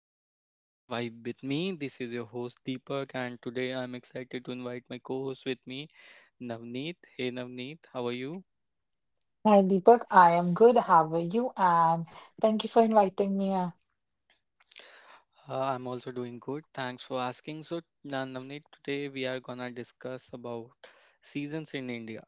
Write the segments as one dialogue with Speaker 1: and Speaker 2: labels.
Speaker 1: our channel Vibe with me. This is your host Deepak and today I'm excited to invite my co-host with me, Navneet. Hey Navneet, how are you?
Speaker 2: Hi, Deepak. I am good. How are you? And thank you for inviting me.
Speaker 1: I'm also doing good. Thanks for asking. So Navneet, today we are gonna discuss about seasons in India.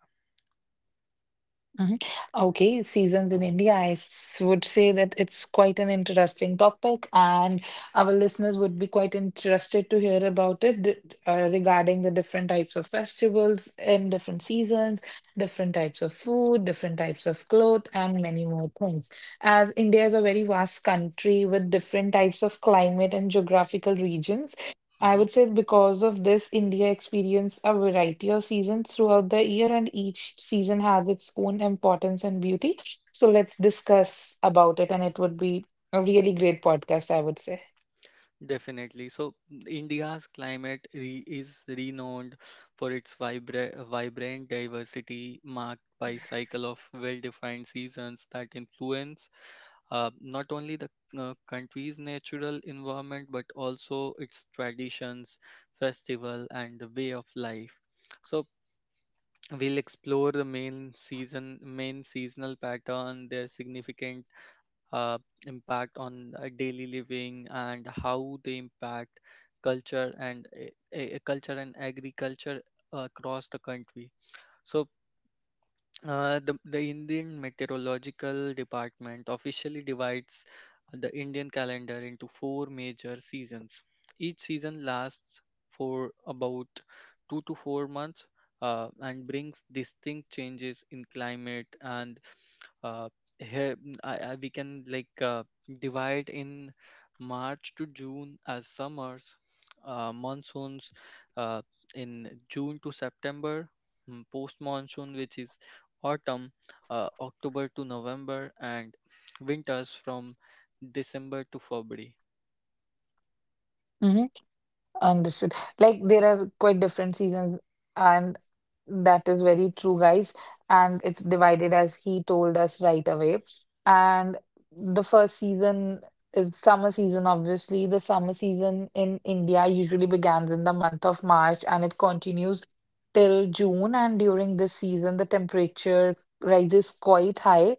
Speaker 2: mhm. Okay, seasons in India. Would say that it's quite an interesting topic, and our listeners would be quite interested to hear about it regarding the different types of festivals in different seasons, different types of food, different types of clothes, and many more things. As India is a very vast country with different types of climate and geographical regions. I
Speaker 1: Mhm.
Speaker 2: would say because of this, India experienced a variety of seasons throughout the year, and each season has its own importance and beauty. So let's discuss about it, and it would be a really great podcast, I would say.
Speaker 1: Definitely. So India's climate is renowned for its vibrant diversity marked by cycle of well-defined seasons that influence not only the country's natural environment but also its traditions, festival, and the way of life. So we'll explore the main seasonal pattern, their significant uh, impact on daily living and how they impact culture and agriculture across the country. So the Indian Meteorological Department officially divides the Indian calendar into four major seasons. Each season lasts for about 2 to 4 months, and brings distinct changes in climate. And uh, here we can divide in March to June as summers, monsoons uh, in June to September, post monsoon which is autumn, October to November, and winters from December to February.
Speaker 2: Understood. Like there are quite different seasons, and that is very true, guys. And it's divided as he told us right away. And the first season is summer season, obviously. The summer season in India usually begins in the month of March and it continues till June. And during this season, the temperature rises quite high,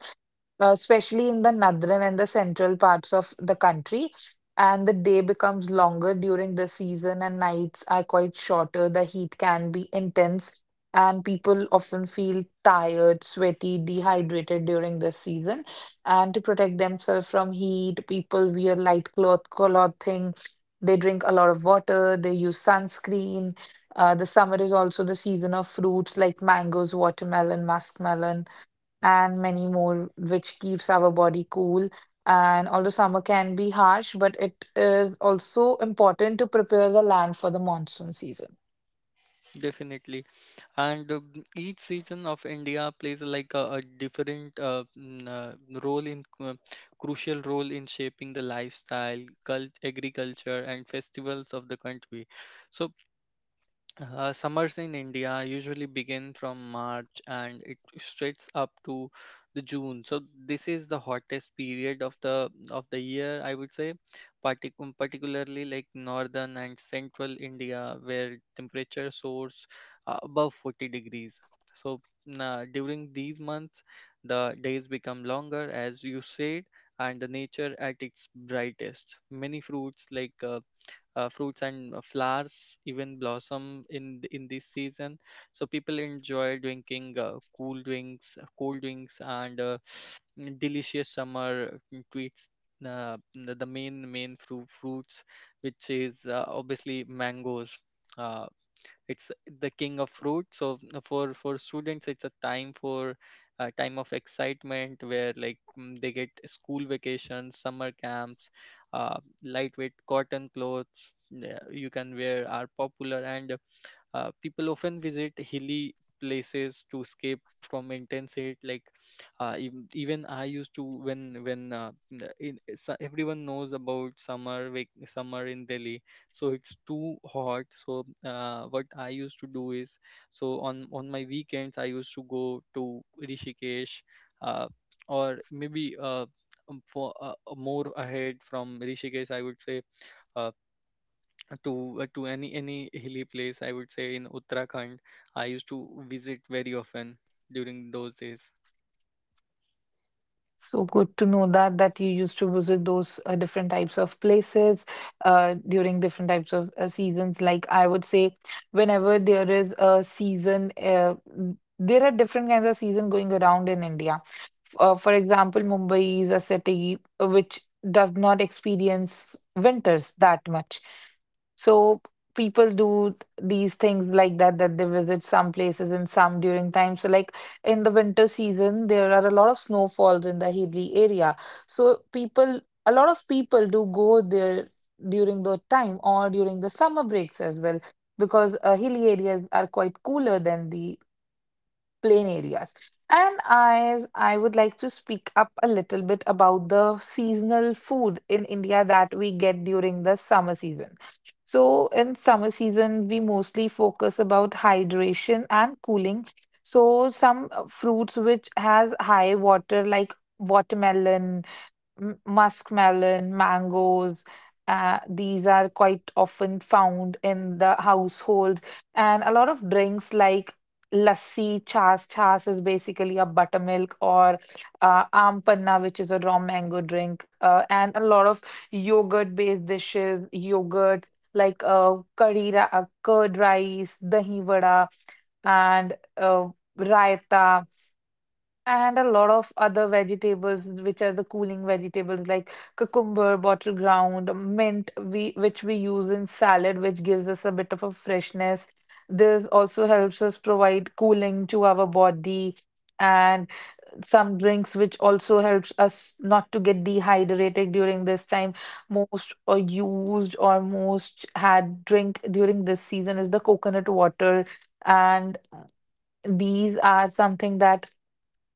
Speaker 2: especially in the northern and the central parts of the country. And the day becomes longer during the season, and nights are quite shorter. The heat can be intense, and people often feel tired, sweaty, dehydrated during this season. And to protect themselves from heat, people wear light cloth clothing. They drink a lot of water. They use sunscreen. The summer is also the season of fruits like mangoes, watermelon, muskmelon and many more, which keeps our body cool. And although summer can be harsh, but it is also important to prepare the land for the monsoon season.
Speaker 1: Definitely, and each season of India plays like a different mm, role in crucial role in shaping the lifestyle, cult, agriculture, and festivals of the country. So Summers in India usually begin from March and it stretches up to the June. So this is the hottest period of the year, I would say. Particularly like northern and central India, where temperature soars above 40 degrees. So during these months, the days become longer, as you said, and the nature at its brightest. Many fruits like fruits and flowers even blossom in in this season. So people enjoy drinking cool drinks cold drinks, and delicious summer treats. The main fruits which is obviously mangoes. Uh, it's the king of fruit. So for students it's a time of excitement, where they get school vacations, summer camps, uh, lightweight cotton clothes, yeah, you can wear, are popular. And people often visit hilly places to escape from intense heat. Like even I used to, so everyone knows about summer in Delhi, so it's too hot. So what I used to do is, so on my weekends I used to go to Rishikesh, uh, or maybe for more ahead from Rishikesh I would say, uh, to any hilly place I would say, in Uttarakhand. I used to visit very often during those days.
Speaker 2: So good to know that you used to visit those different types of places during different types of seasons. Like I would say, whenever there is a season, there are different kinds of season going around in India. For example, Mumbai is a city which does not experience winters that much. So people do these things like that, that they visit some places in some during time. So like in the winter season, there are a lot of snowfalls in the hilly area. So people, a lot of people do go there during the time or during the summer breaks as well, because hilly areas are quite cooler than the plain areas. And I would like to speak up a little bit about the seasonal food in India that we get during the summer season. So in summer season, we mostly focus about hydration and cooling. So some fruits which has high water like watermelon, muskmelon, mangoes. These are quite often found in the households, and a lot of drinks like lassi, chas. Chas is basically a buttermilk, or aam panna, which is a raw mango drink, and a lot of yogurt-based dishes, yogurt like curd rice, dahi vada, and raita. And a lot of other vegetables, which are the cooling vegetables like cucumber, bottle ground, mint, we which we use in salad, which gives us a bit of a freshness. This also helps us provide cooling to our body, and some drinks which also helps us not to get dehydrated during this time. Most used or most had drink during this season is the coconut water, and these are something that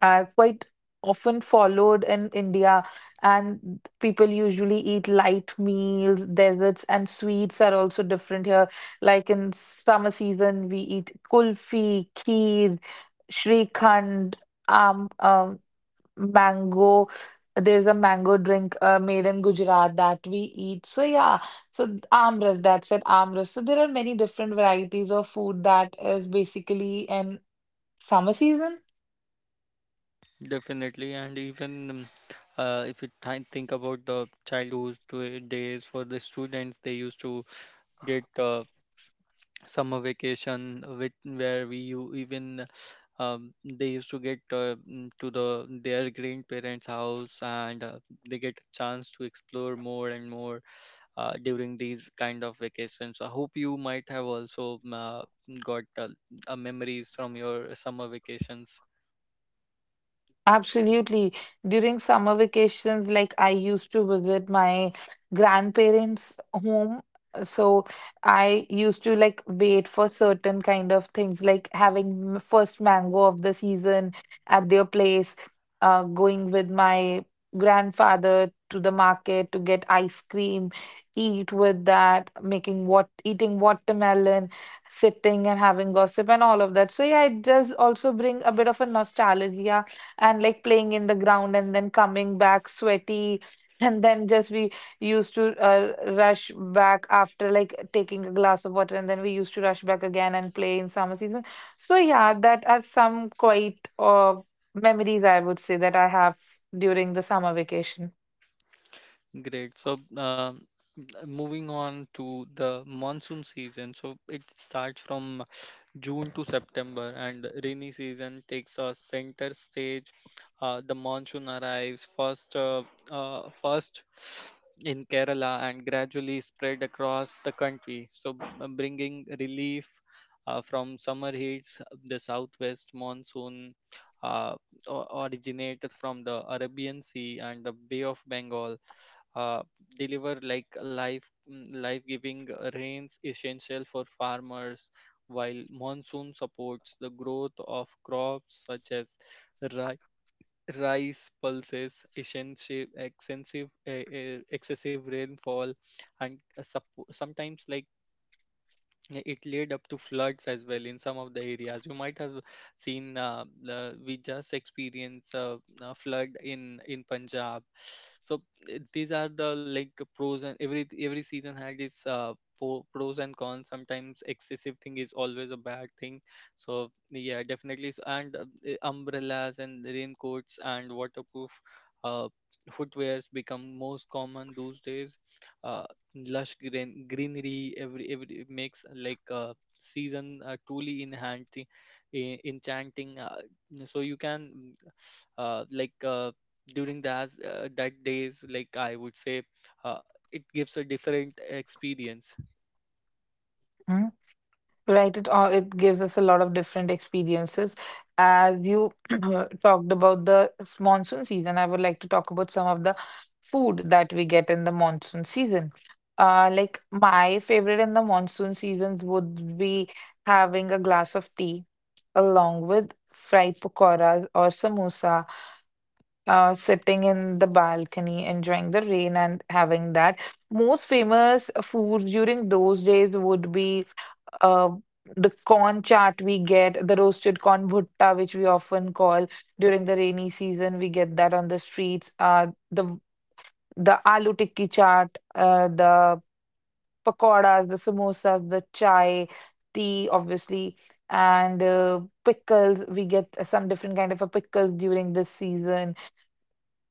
Speaker 2: are quite often followed in India, and people usually eat light meals, desserts, and sweets are also different here. Like in summer season, we eat kulfi, kheer, shrikhand, um, um, mango. There's a mango drink made in Gujarat that we eat. So yeah, amras, that's it, amras. So there are many different varieties of food that is basically in summer season.
Speaker 1: Definitely, and even if you think about the childhood days for the students, they used to get summer vacation, with where we u- even they used to get to the their grandparents' house, and they get a chance to explore more and more during these kind of vacations. I hope you might have also got memories from your summer vacations.
Speaker 2: Absolutely. During summer vacations, like I used to visit my grandparents' home. So I used to like wait for certain kind of things, like having first mango of the season at their place, going with my grandfather to the market to get ice cream, eat with that, making what eating watermelon, sitting and having gossip and all of that. So yeah, it does also bring a bit of a nostalgia and like playing in the ground and then coming back sweaty and then just we used to rush back after like taking a glass of water, and then we used to rush back again and play in summer season. So yeah, that are some quite memories I would say that I have during the summer vacation.
Speaker 1: Great. Moving on to the monsoon season. So it starts from June to September, and rainy season takes a center stage. The monsoon arrives first in Kerala and gradually spread across the country. So, bringing relief from summer heats. The southwest monsoon uh, originated from the Arabian Sea and the Bay of Bengal, uh, deliver like life giving rains essential for farmers. While monsoon supports the growth of crops such as ri- rice, pulses, excessive rainfall and sometimes like, yeah, it led up to floods as well in some of the areas. You might have seen, we just experienced a flood in Punjab. So these are the like pros, and every season has its pros and cons. Sometimes excessive thing is always a bad thing. So yeah, definitely. So, and umbrellas and raincoats and waterproof uh, footwears become most common those days. Uh, lush greenery, every it makes like season truly enchanting. Uh, so you can uh, like uh, during that days, like I would say, uh, it gives a different experience.
Speaker 2: Right, it all it gives us a lot of different experiences. As you talked about the monsoon season, I would like to talk about some of the food that we get in the monsoon season. Like my favorite in the monsoon seasons would be having a glass of tea along with fried pakoras or samosa, sitting in the balcony, enjoying the rain and having that. Most famous food during those days would be uh, the corn chaat we get, the roasted corn bhutta, which we often call during the rainy season. We get that on the streets. The aloo tikki chaat, the pakoras, the samosas, the chai, tea, obviously, and pickles. We get some different kind of a pickles during this season.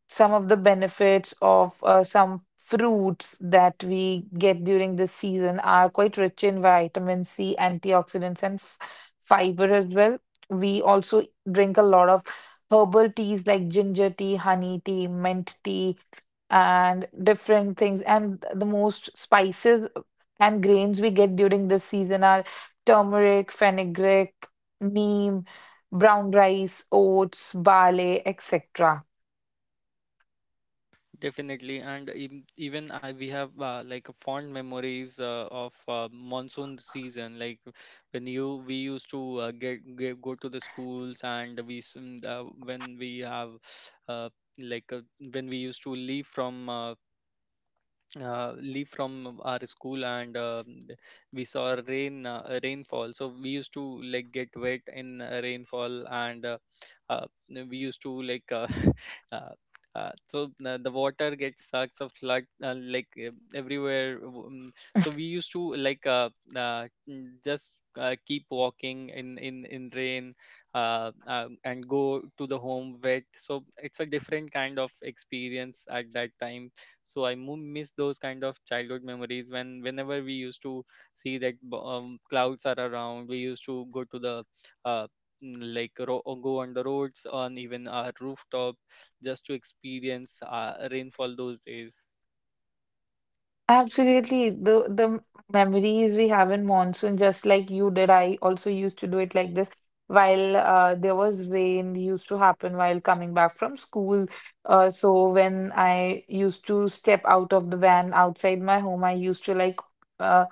Speaker 2: Some of the benefits of some fruits that we get during this season are quite rich in vitamin C, antioxidants, and fiber as well. We also drink a lot of herbal teas like ginger tea, honey tea, mint tea, and different things. And the most spices and grains we get during this season are turmeric, fenugreek, neem, brown rice, oats, barley, etc.
Speaker 1: Definitely, and even I, we have like fond memories of monsoon season. Like when you we used to get go to the schools, and we when we have uh, like uh, when we used to leave from our school, and we saw rainfall, so we used to like get wet in rainfall. And uh, we used to like uh, the water gets sucked of flood So we used to like just keep walking in rain, and go to the home wet. So it's a different kind of experience at that time. So I miss those kind of childhood memories. When whenever we used to see that clouds are around, we used to go to the uh, go on the roads on even our rooftop, just to experience rainfall those days.
Speaker 2: Absolutely. The memories we have in monsoon, just like you did, I also used to do it like this. While there was rain, used to happen while coming back from school. So when I used to step out of the van outside my home, I used to like uh,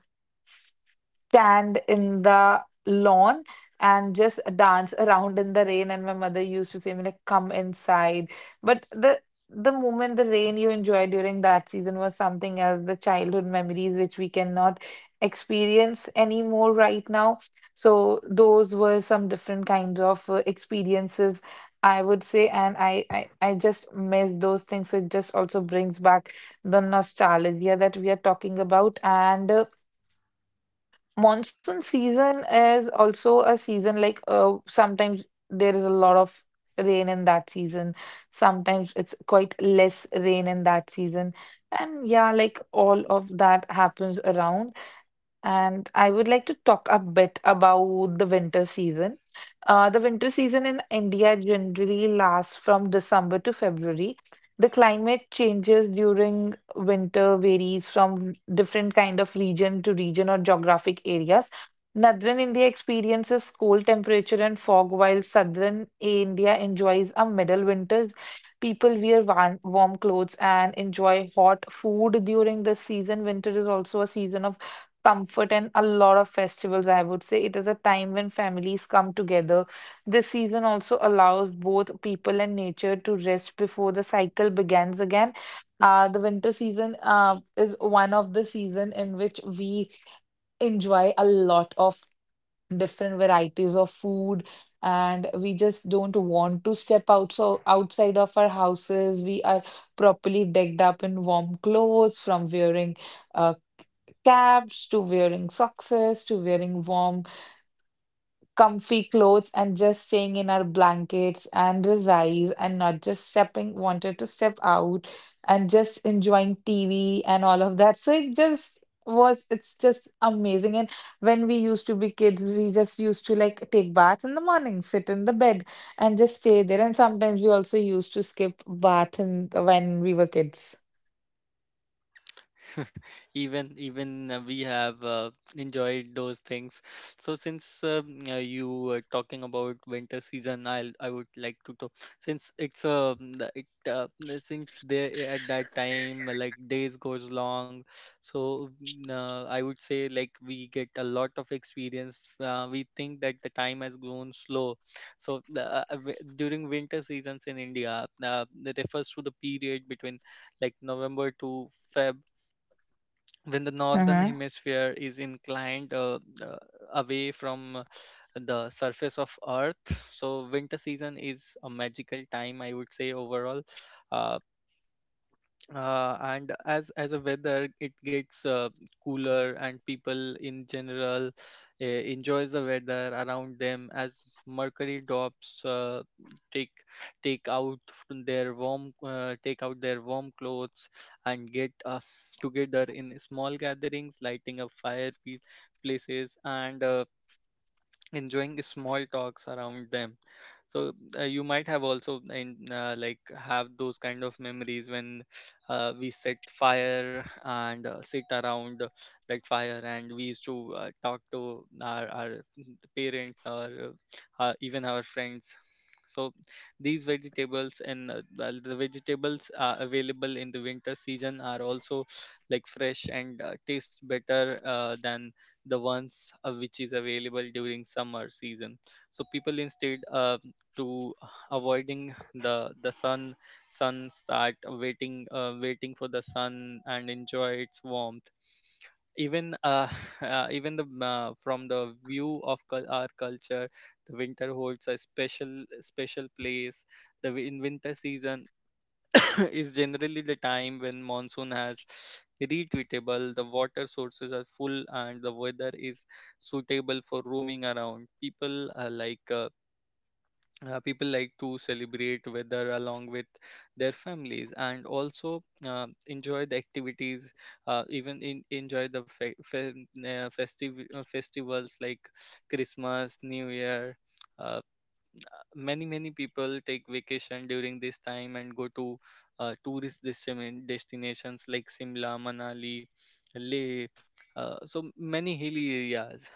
Speaker 2: stand in the lawn and just dance around in the rain, and my mother used to say me like come inside. But the moment the rain you enjoy during that season was something else. The childhood memories which we cannot experience anymore right now. So those were some different kinds of experiences, I would say. And I just miss those things. It just also brings back the nostalgia that we are talking about. And Monsoon season is also a season like sometimes there is a lot of rain in that season. Sometimes it's quite less rain in that season. And yeah, like all of that happens around. And I would like to talk a bit about the winter season. The winter season in India generally lasts from December to February. The climate changes during winter varies from different kind of region to region or geographic areas. Northern India experiences cold temperature and fog, while southern India enjoys a middle winters. People wear warm clothes and enjoy hot food during this season. Winter is also a season of comfort and a lot of festivals, I would say. It is a time when families come together. This season also allows both people and nature to rest before the cycle begins again. The winter season is one of the season in which we enjoy a lot of different varieties of food, and we just don't want to step out. So outside of our houses we are properly decked up in warm clothes, from wearing uh, caps to wearing socks to wearing warm, comfy clothes and just staying in our blankets and resize and not just stepping, wanted to step out and just enjoying TV and all of that. So it just was, it's just amazing. And when we used to be kids, we just used to like take baths in the morning, sit in the bed and just stay there. And sometimes we also used to skip bath in, when we were kids.
Speaker 1: Even we have enjoyed those things. So since you were talking about winter season, I would like to talk, since it's the- it, the- since there at that time like days goes long. So I would say like we get a lot of experience. We think that the time has grown slow. So during winter seasons in India, it refers to the period between like November to Feb, when the northern hemisphere is inclined away from the surface of earth. So winter season is a magical time, I would say. Overall, uh, and as a weather, it gets cooler, and people in general enjoys the weather around them. As mercury drops, take take out their warm clothes, and get together in small gatherings, lighting up fire places, and enjoying small talks around them. So you might have also in like have those kind of memories when we set fire, and sit around that fire, and we used to talk to our parents or even our friends. So these vegetables, and well, the vegetables are available in the winter season, are also like fresh, and taste better than the ones which is available during summer season. So people instead to avoiding the sun, start waiting for the sun and enjoy its warmth. Even, even the, from the view of our culture, the winter holds a special place. In winter season, is generally the time when monsoon has retreatable, the water sources are full, and the weather is suitable for roaming around. People people like to celebrate weather along with their families, and also enjoy the activities, enjoy the fe- fe- festive festivals like Christmas, New Year. uh, Many, many people take vacation during this time and go to tourist destinations like Simla, Manali, Leh. So many hilly areas.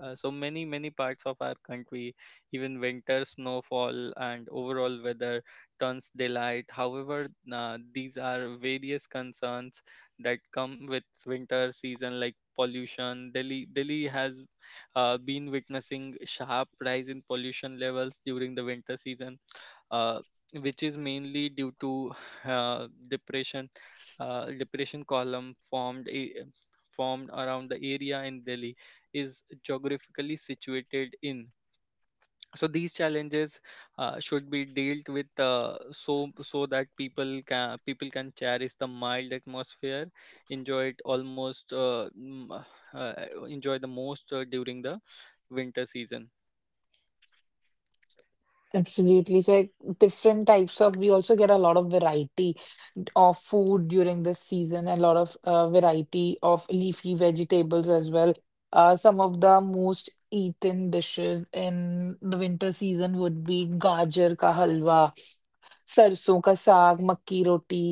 Speaker 1: So many, many parts of our country, even winter snowfall and overall weather turns daylight. However, these are various concerns that come with winter season, like pollution. Delhi has been witnessing sharp rise in pollution levels during the winter season, uh, which is mainly due to depression. Depression column formed around the area in Delhi is geographically situated in. So these challenges should be dealt with, so so that people can cherish the mild atmosphere, enjoy it almost, enjoy the most during the winter season.
Speaker 2: Absolutely. So like, different types of, we also get a lot of variety of food during this season, a lot of variety of leafy vegetables as well. Some of the most eaten dishes in the winter season would be gajar ka halwa, सरसों का साग मक्की रोटी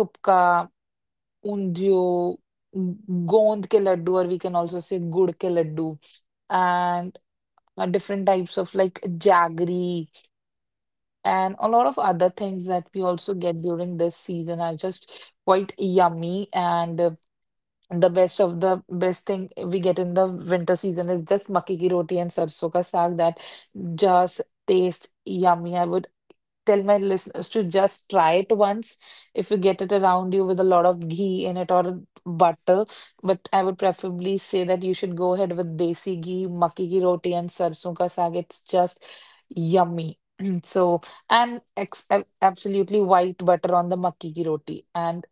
Speaker 2: थुपका ऊंधियो गोंद के Laddu or we can also say गुड़ के Laddu and different types of like jaggery and a lot of other things that we also get during this season are just quite yummy. And The best of the best thing we get in the winter season is just makke ki roti and sarson ka saag. That just taste yummy. I would tell my listeners to just try it once if you get it around you, with a lot of ghee in it or butter. But I would preferably say that you should go ahead with desi ghee, makke ki roti, and sarson ka saag. It's just yummy. So, Absolutely white butter on the makke ki roti. And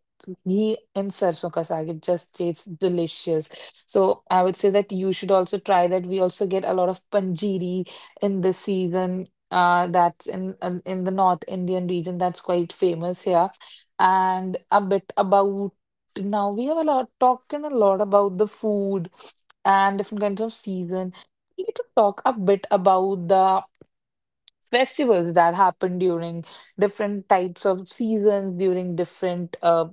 Speaker 2: ghee and sarson ka saag. It just tastes delicious. So I would say that you should also try that. We also get a lot of panjiri in this season. That's in the North Indian region. That's quite famous here. And a bit about now we have a lot talking a lot about the food and different kinds of season. We need to talk a bit about the festivals that happen during different types of seasons, during different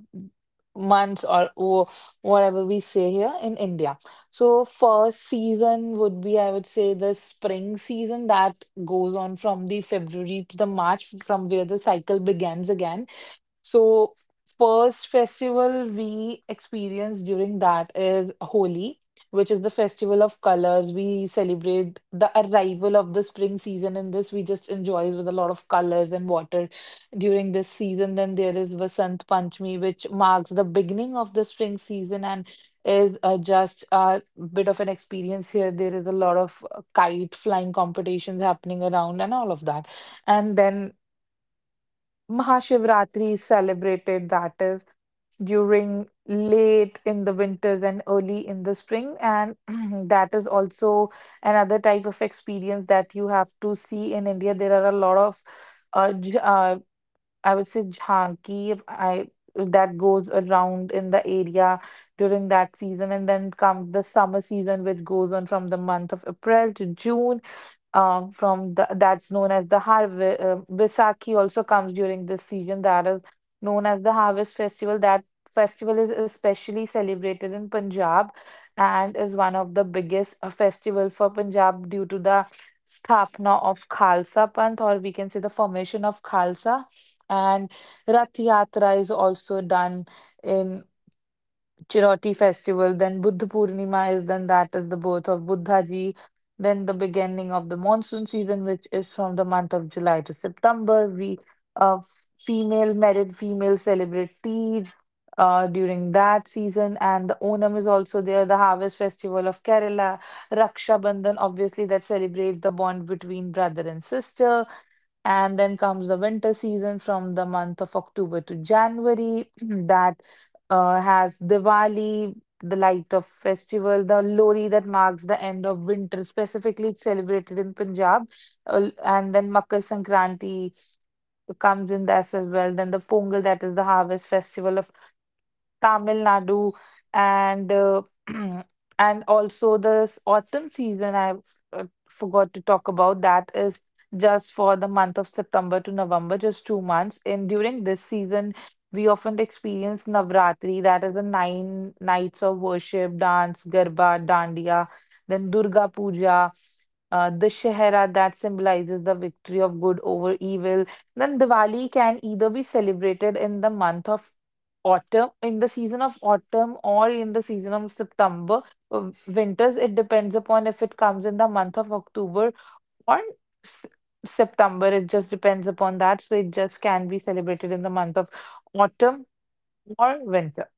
Speaker 2: months or whatever we say here in India. So first season would be, I would say, the spring season that goes on from the February to the March, from where the cycle begins again. So, first festival we experience during that is Holi, which is the festival of colors. We celebrate the arrival of the spring season, and this we just enjoys with a lot of colors and water during this season. Then there is Vasant Panchami, which marks the beginning of the spring season and is just a bit of an experience here. There is a lot of kite flying competitions happening around and all of that. And then Mahashivratri is celebrated, that is, during late in the winters and early in the spring. And that is also another type of experience that you have to see in India. There are a lot of, uh, j- uh, I would say, jhanki, that goes around in the area during that season. And then comes the summer season, which goes on from the month of April to June that's known as the harvest. Vaisakhi also comes during this season, that is known as the harvest festival. That festival is especially celebrated in Punjab and is one of the biggest festival for Punjab due to the Sthapna of Khalsa Panth, or we can say the formation of Khalsa. And Rath Yatra is also done in. Chiroti festival, then Buddha Purnima is then that is the birth of Buddha ji, then the beginning of the monsoon season, which is from the month of July to September. We female celebrate Teej, during that season, and the Onam is also there, the harvest festival of Kerala, Raksha Bandhan, obviously that celebrates the bond between brother and sister and then comes the winter season from the month of October to January that has Diwali, the light of festival, the Lori that marks the end of winter. Specifically, it's celebrated in Punjab, and then Makar Sankranti comes in this as well. Then the Pongal, that is the harvest festival of Tamil Nadu, and and also this autumn season. I forgot to talk about that is just for the month of September to November, just 2 months. And during this season, we often experience Navratri, that is the nine nights of worship, dance, garba, dandiya, then Durga Puja. Dussehra that symbolizes the victory of good over evil, then Diwali can either be celebrated in the month of autumn, in the season of autumn, or in the season of September, winters. It depends upon if it comes in the month of October or S- September. It just depends upon that. So it just can be celebrated in the month of autumn or winter.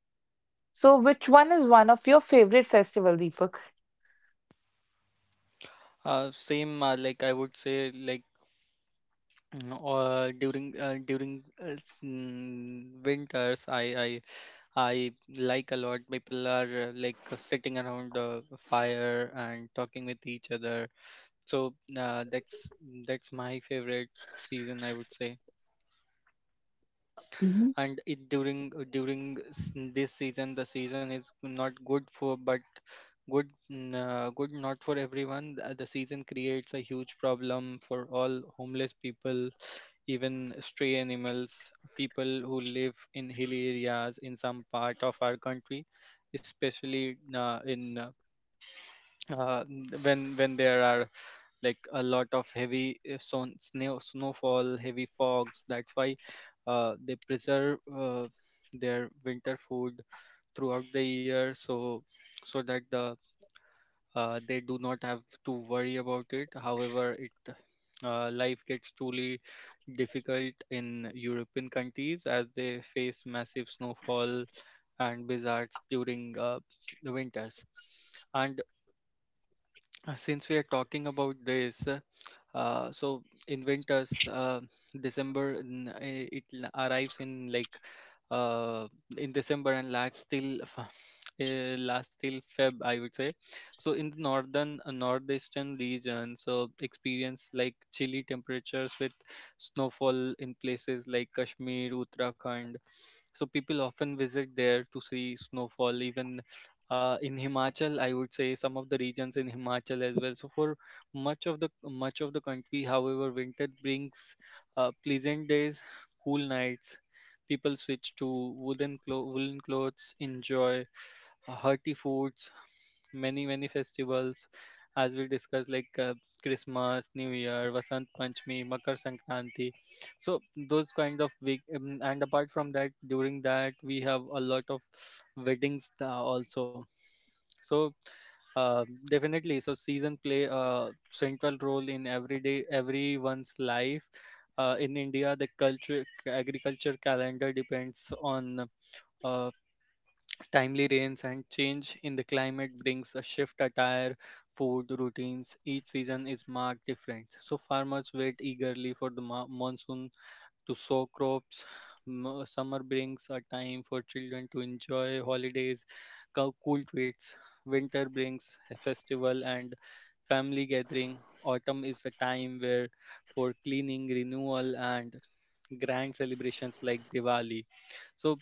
Speaker 2: So which one is one of your favorite festival, Deepak?
Speaker 1: Same, like I would say, mm, uh, during uh, during uh, winters, I like a lot. People are like sitting around the fire and talking with each other. So that's my favorite season, I would say. And it, during this season, the season is not good for, but good not for everyone. The season creates a huge problem for all homeless people, even stray animals, people who live in hilly areas in some part of our country, especially in uh, when there are like a lot of heavy snowfall, heavy fogs. That's why they preserve their winter food throughout the year, so that the, they do not have to worry about it. However, it life gets truly difficult in European countries as they face massive snowfall and blizzards during the winters. And since we are talking about this, so in winters, December, arrives in like uh, in December and lasts till last till Feb, I would say. So in the northern, northeastern region so experience like chilly temperatures with snowfall in places like Kashmir, Uttarakhand. So people often visit there to see snowfall, even in Himachal, I would say some of the regions in Himachal as well. So for much of the country, however, winter brings pleasant days, cool nights. People switch to woolen clothes, enjoy hearty foods, many, many festivals, as we discussed, like Christmas, New Year, Vasant Panchami, Makar Sankranti. So those kind of big, and apart from that, during that we have a lot of weddings also. So uh, definitely. So season play a central role in everyday everyone's life. In India, the culture agriculture calendar depends on uh, timely rains, and change in the climate brings a shift attire, food routines. Each season is marked different. So farmers wait eagerly for the monsoon to sow crops. Summer brings a time for children to enjoy holidays, cool treats. Winter brings a festival and family gathering. Autumn is a time where for cleaning, renewal, and grand celebrations like Diwali. So,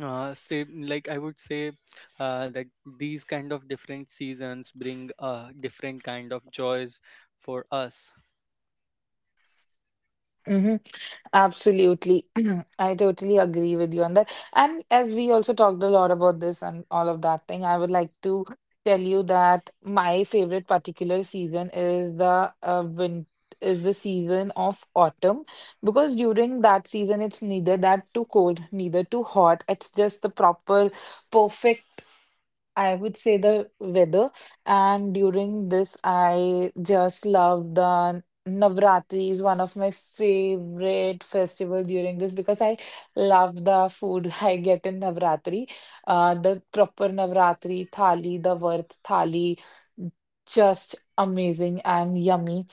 Speaker 1: say like I would say that these kind of different seasons bring different kind of joys for us.
Speaker 2: Mhm. Absolutely. I totally agree with you on that. And as we also talked a lot about this and all of that thing, I would like to tell you that my favorite particular season is the win is the season of autumn because during that season it's neither that too cold, neither too hot. It's just the proper perfect I would say the weather, and during this, I just love the Navratri is one of my favorite festival during this because I love the food I get in Navratri. The proper Navratri thali, the Virth thali, just amazing and yummy.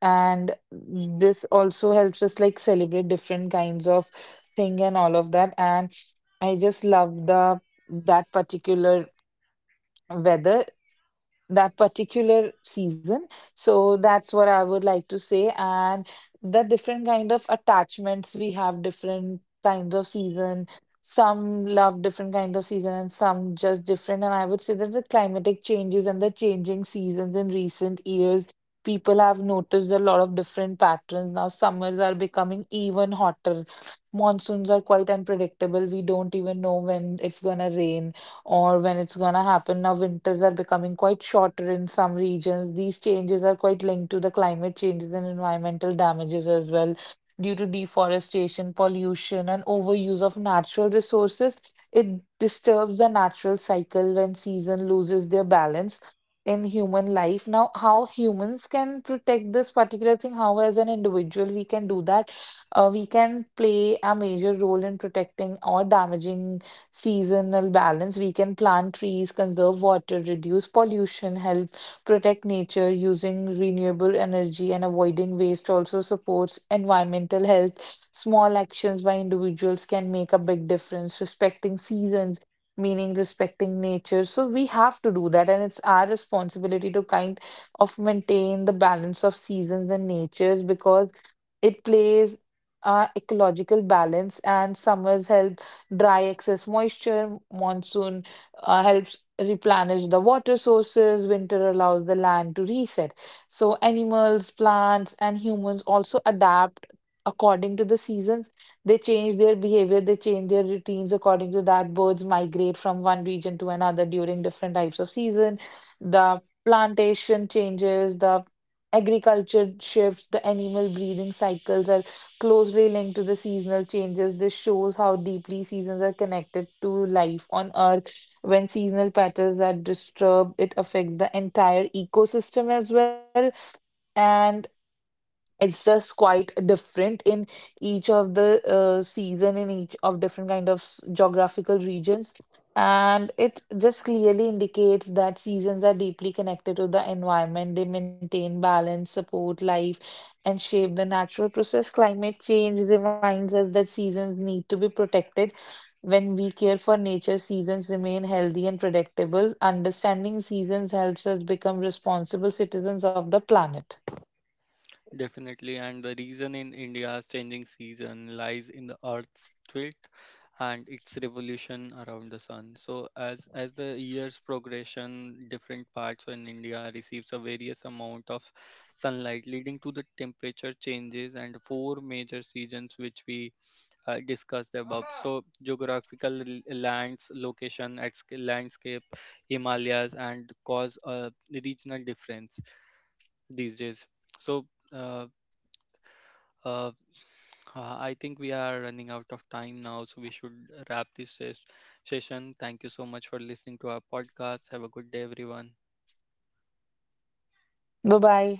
Speaker 2: And this also helps us like celebrate different kinds of thing and all of that. And I just love the that particular weather that particular season, so that's what I would like to say, and the different kind of attachments we have different kinds of season, some love different kind of season and some just different. And I would say that the climatic changes and the changing seasons in recent years, people have noticed a lot of different patterns. Now summers are becoming even hotter, monsoons are quite unpredictable, we don't even know when it's going to rain or when it's gonna happen. Now, winters are becoming quite shorter in some regions. These changes are quite linked to the climate changes and environmental damages as well, due to deforestation, pollution, and overuse of natural resources. It disturbs the natural cycle when season loses their balance in human life. Now, how humans can protect this particular thing, how as an individual we can do that, we can play a major role in protecting or damaging seasonal balance. We can plant trees, conserve water, reduce pollution, help protect nature using renewable energy and avoiding waste also supports environmental health. Small actions by individuals can make a big difference, respecting seasons. Meaning respecting nature. So we have to do that, and it's our responsibility to kind of maintain the balance of seasons and natures because it plays ecological balance, and summers help dry excess moisture. Monsoon helps replenish the water sources. Winter allows the land to reset. So, animals, plants, and humans also adapt according to the seasons. They change their behavior, they change their routines according to that. Birds migrate from one region to another during different types of season. The plantation changes, the agriculture shifts, the animal breeding cycles are closely linked to the seasonal changes. This shows how deeply seasons are connected to life on Earth. When seasonal patterns are disturbed, it affects the entire ecosystem as well. And it's just quite different in each of the season in each of different kind of geographical regions, and it just clearly indicates that seasons are deeply connected to the environment. They maintain balance, support life, and shape the natural process. Climate change reminds us that seasons need to be protected. When we care for nature, seasons remain healthy and predictable. Understanding seasons helps us become responsible citizens of the planet.
Speaker 1: Definitely, and the reason in India's changing season lies in the Earth's tilt and its revolution around the sun. So, as the years progression, different parts in India receives a various amount of sunlight, leading to the temperature changes and four major seasons which we discussed above. So, geographical lands, location, landscape, Himalayas, and cause a regional difference these days. So. Uh, uh, I think we are running out of time now, so we should wrap this session. Thank you so much for listening to our podcast. Have a good day, everyone.
Speaker 2: Bye bye.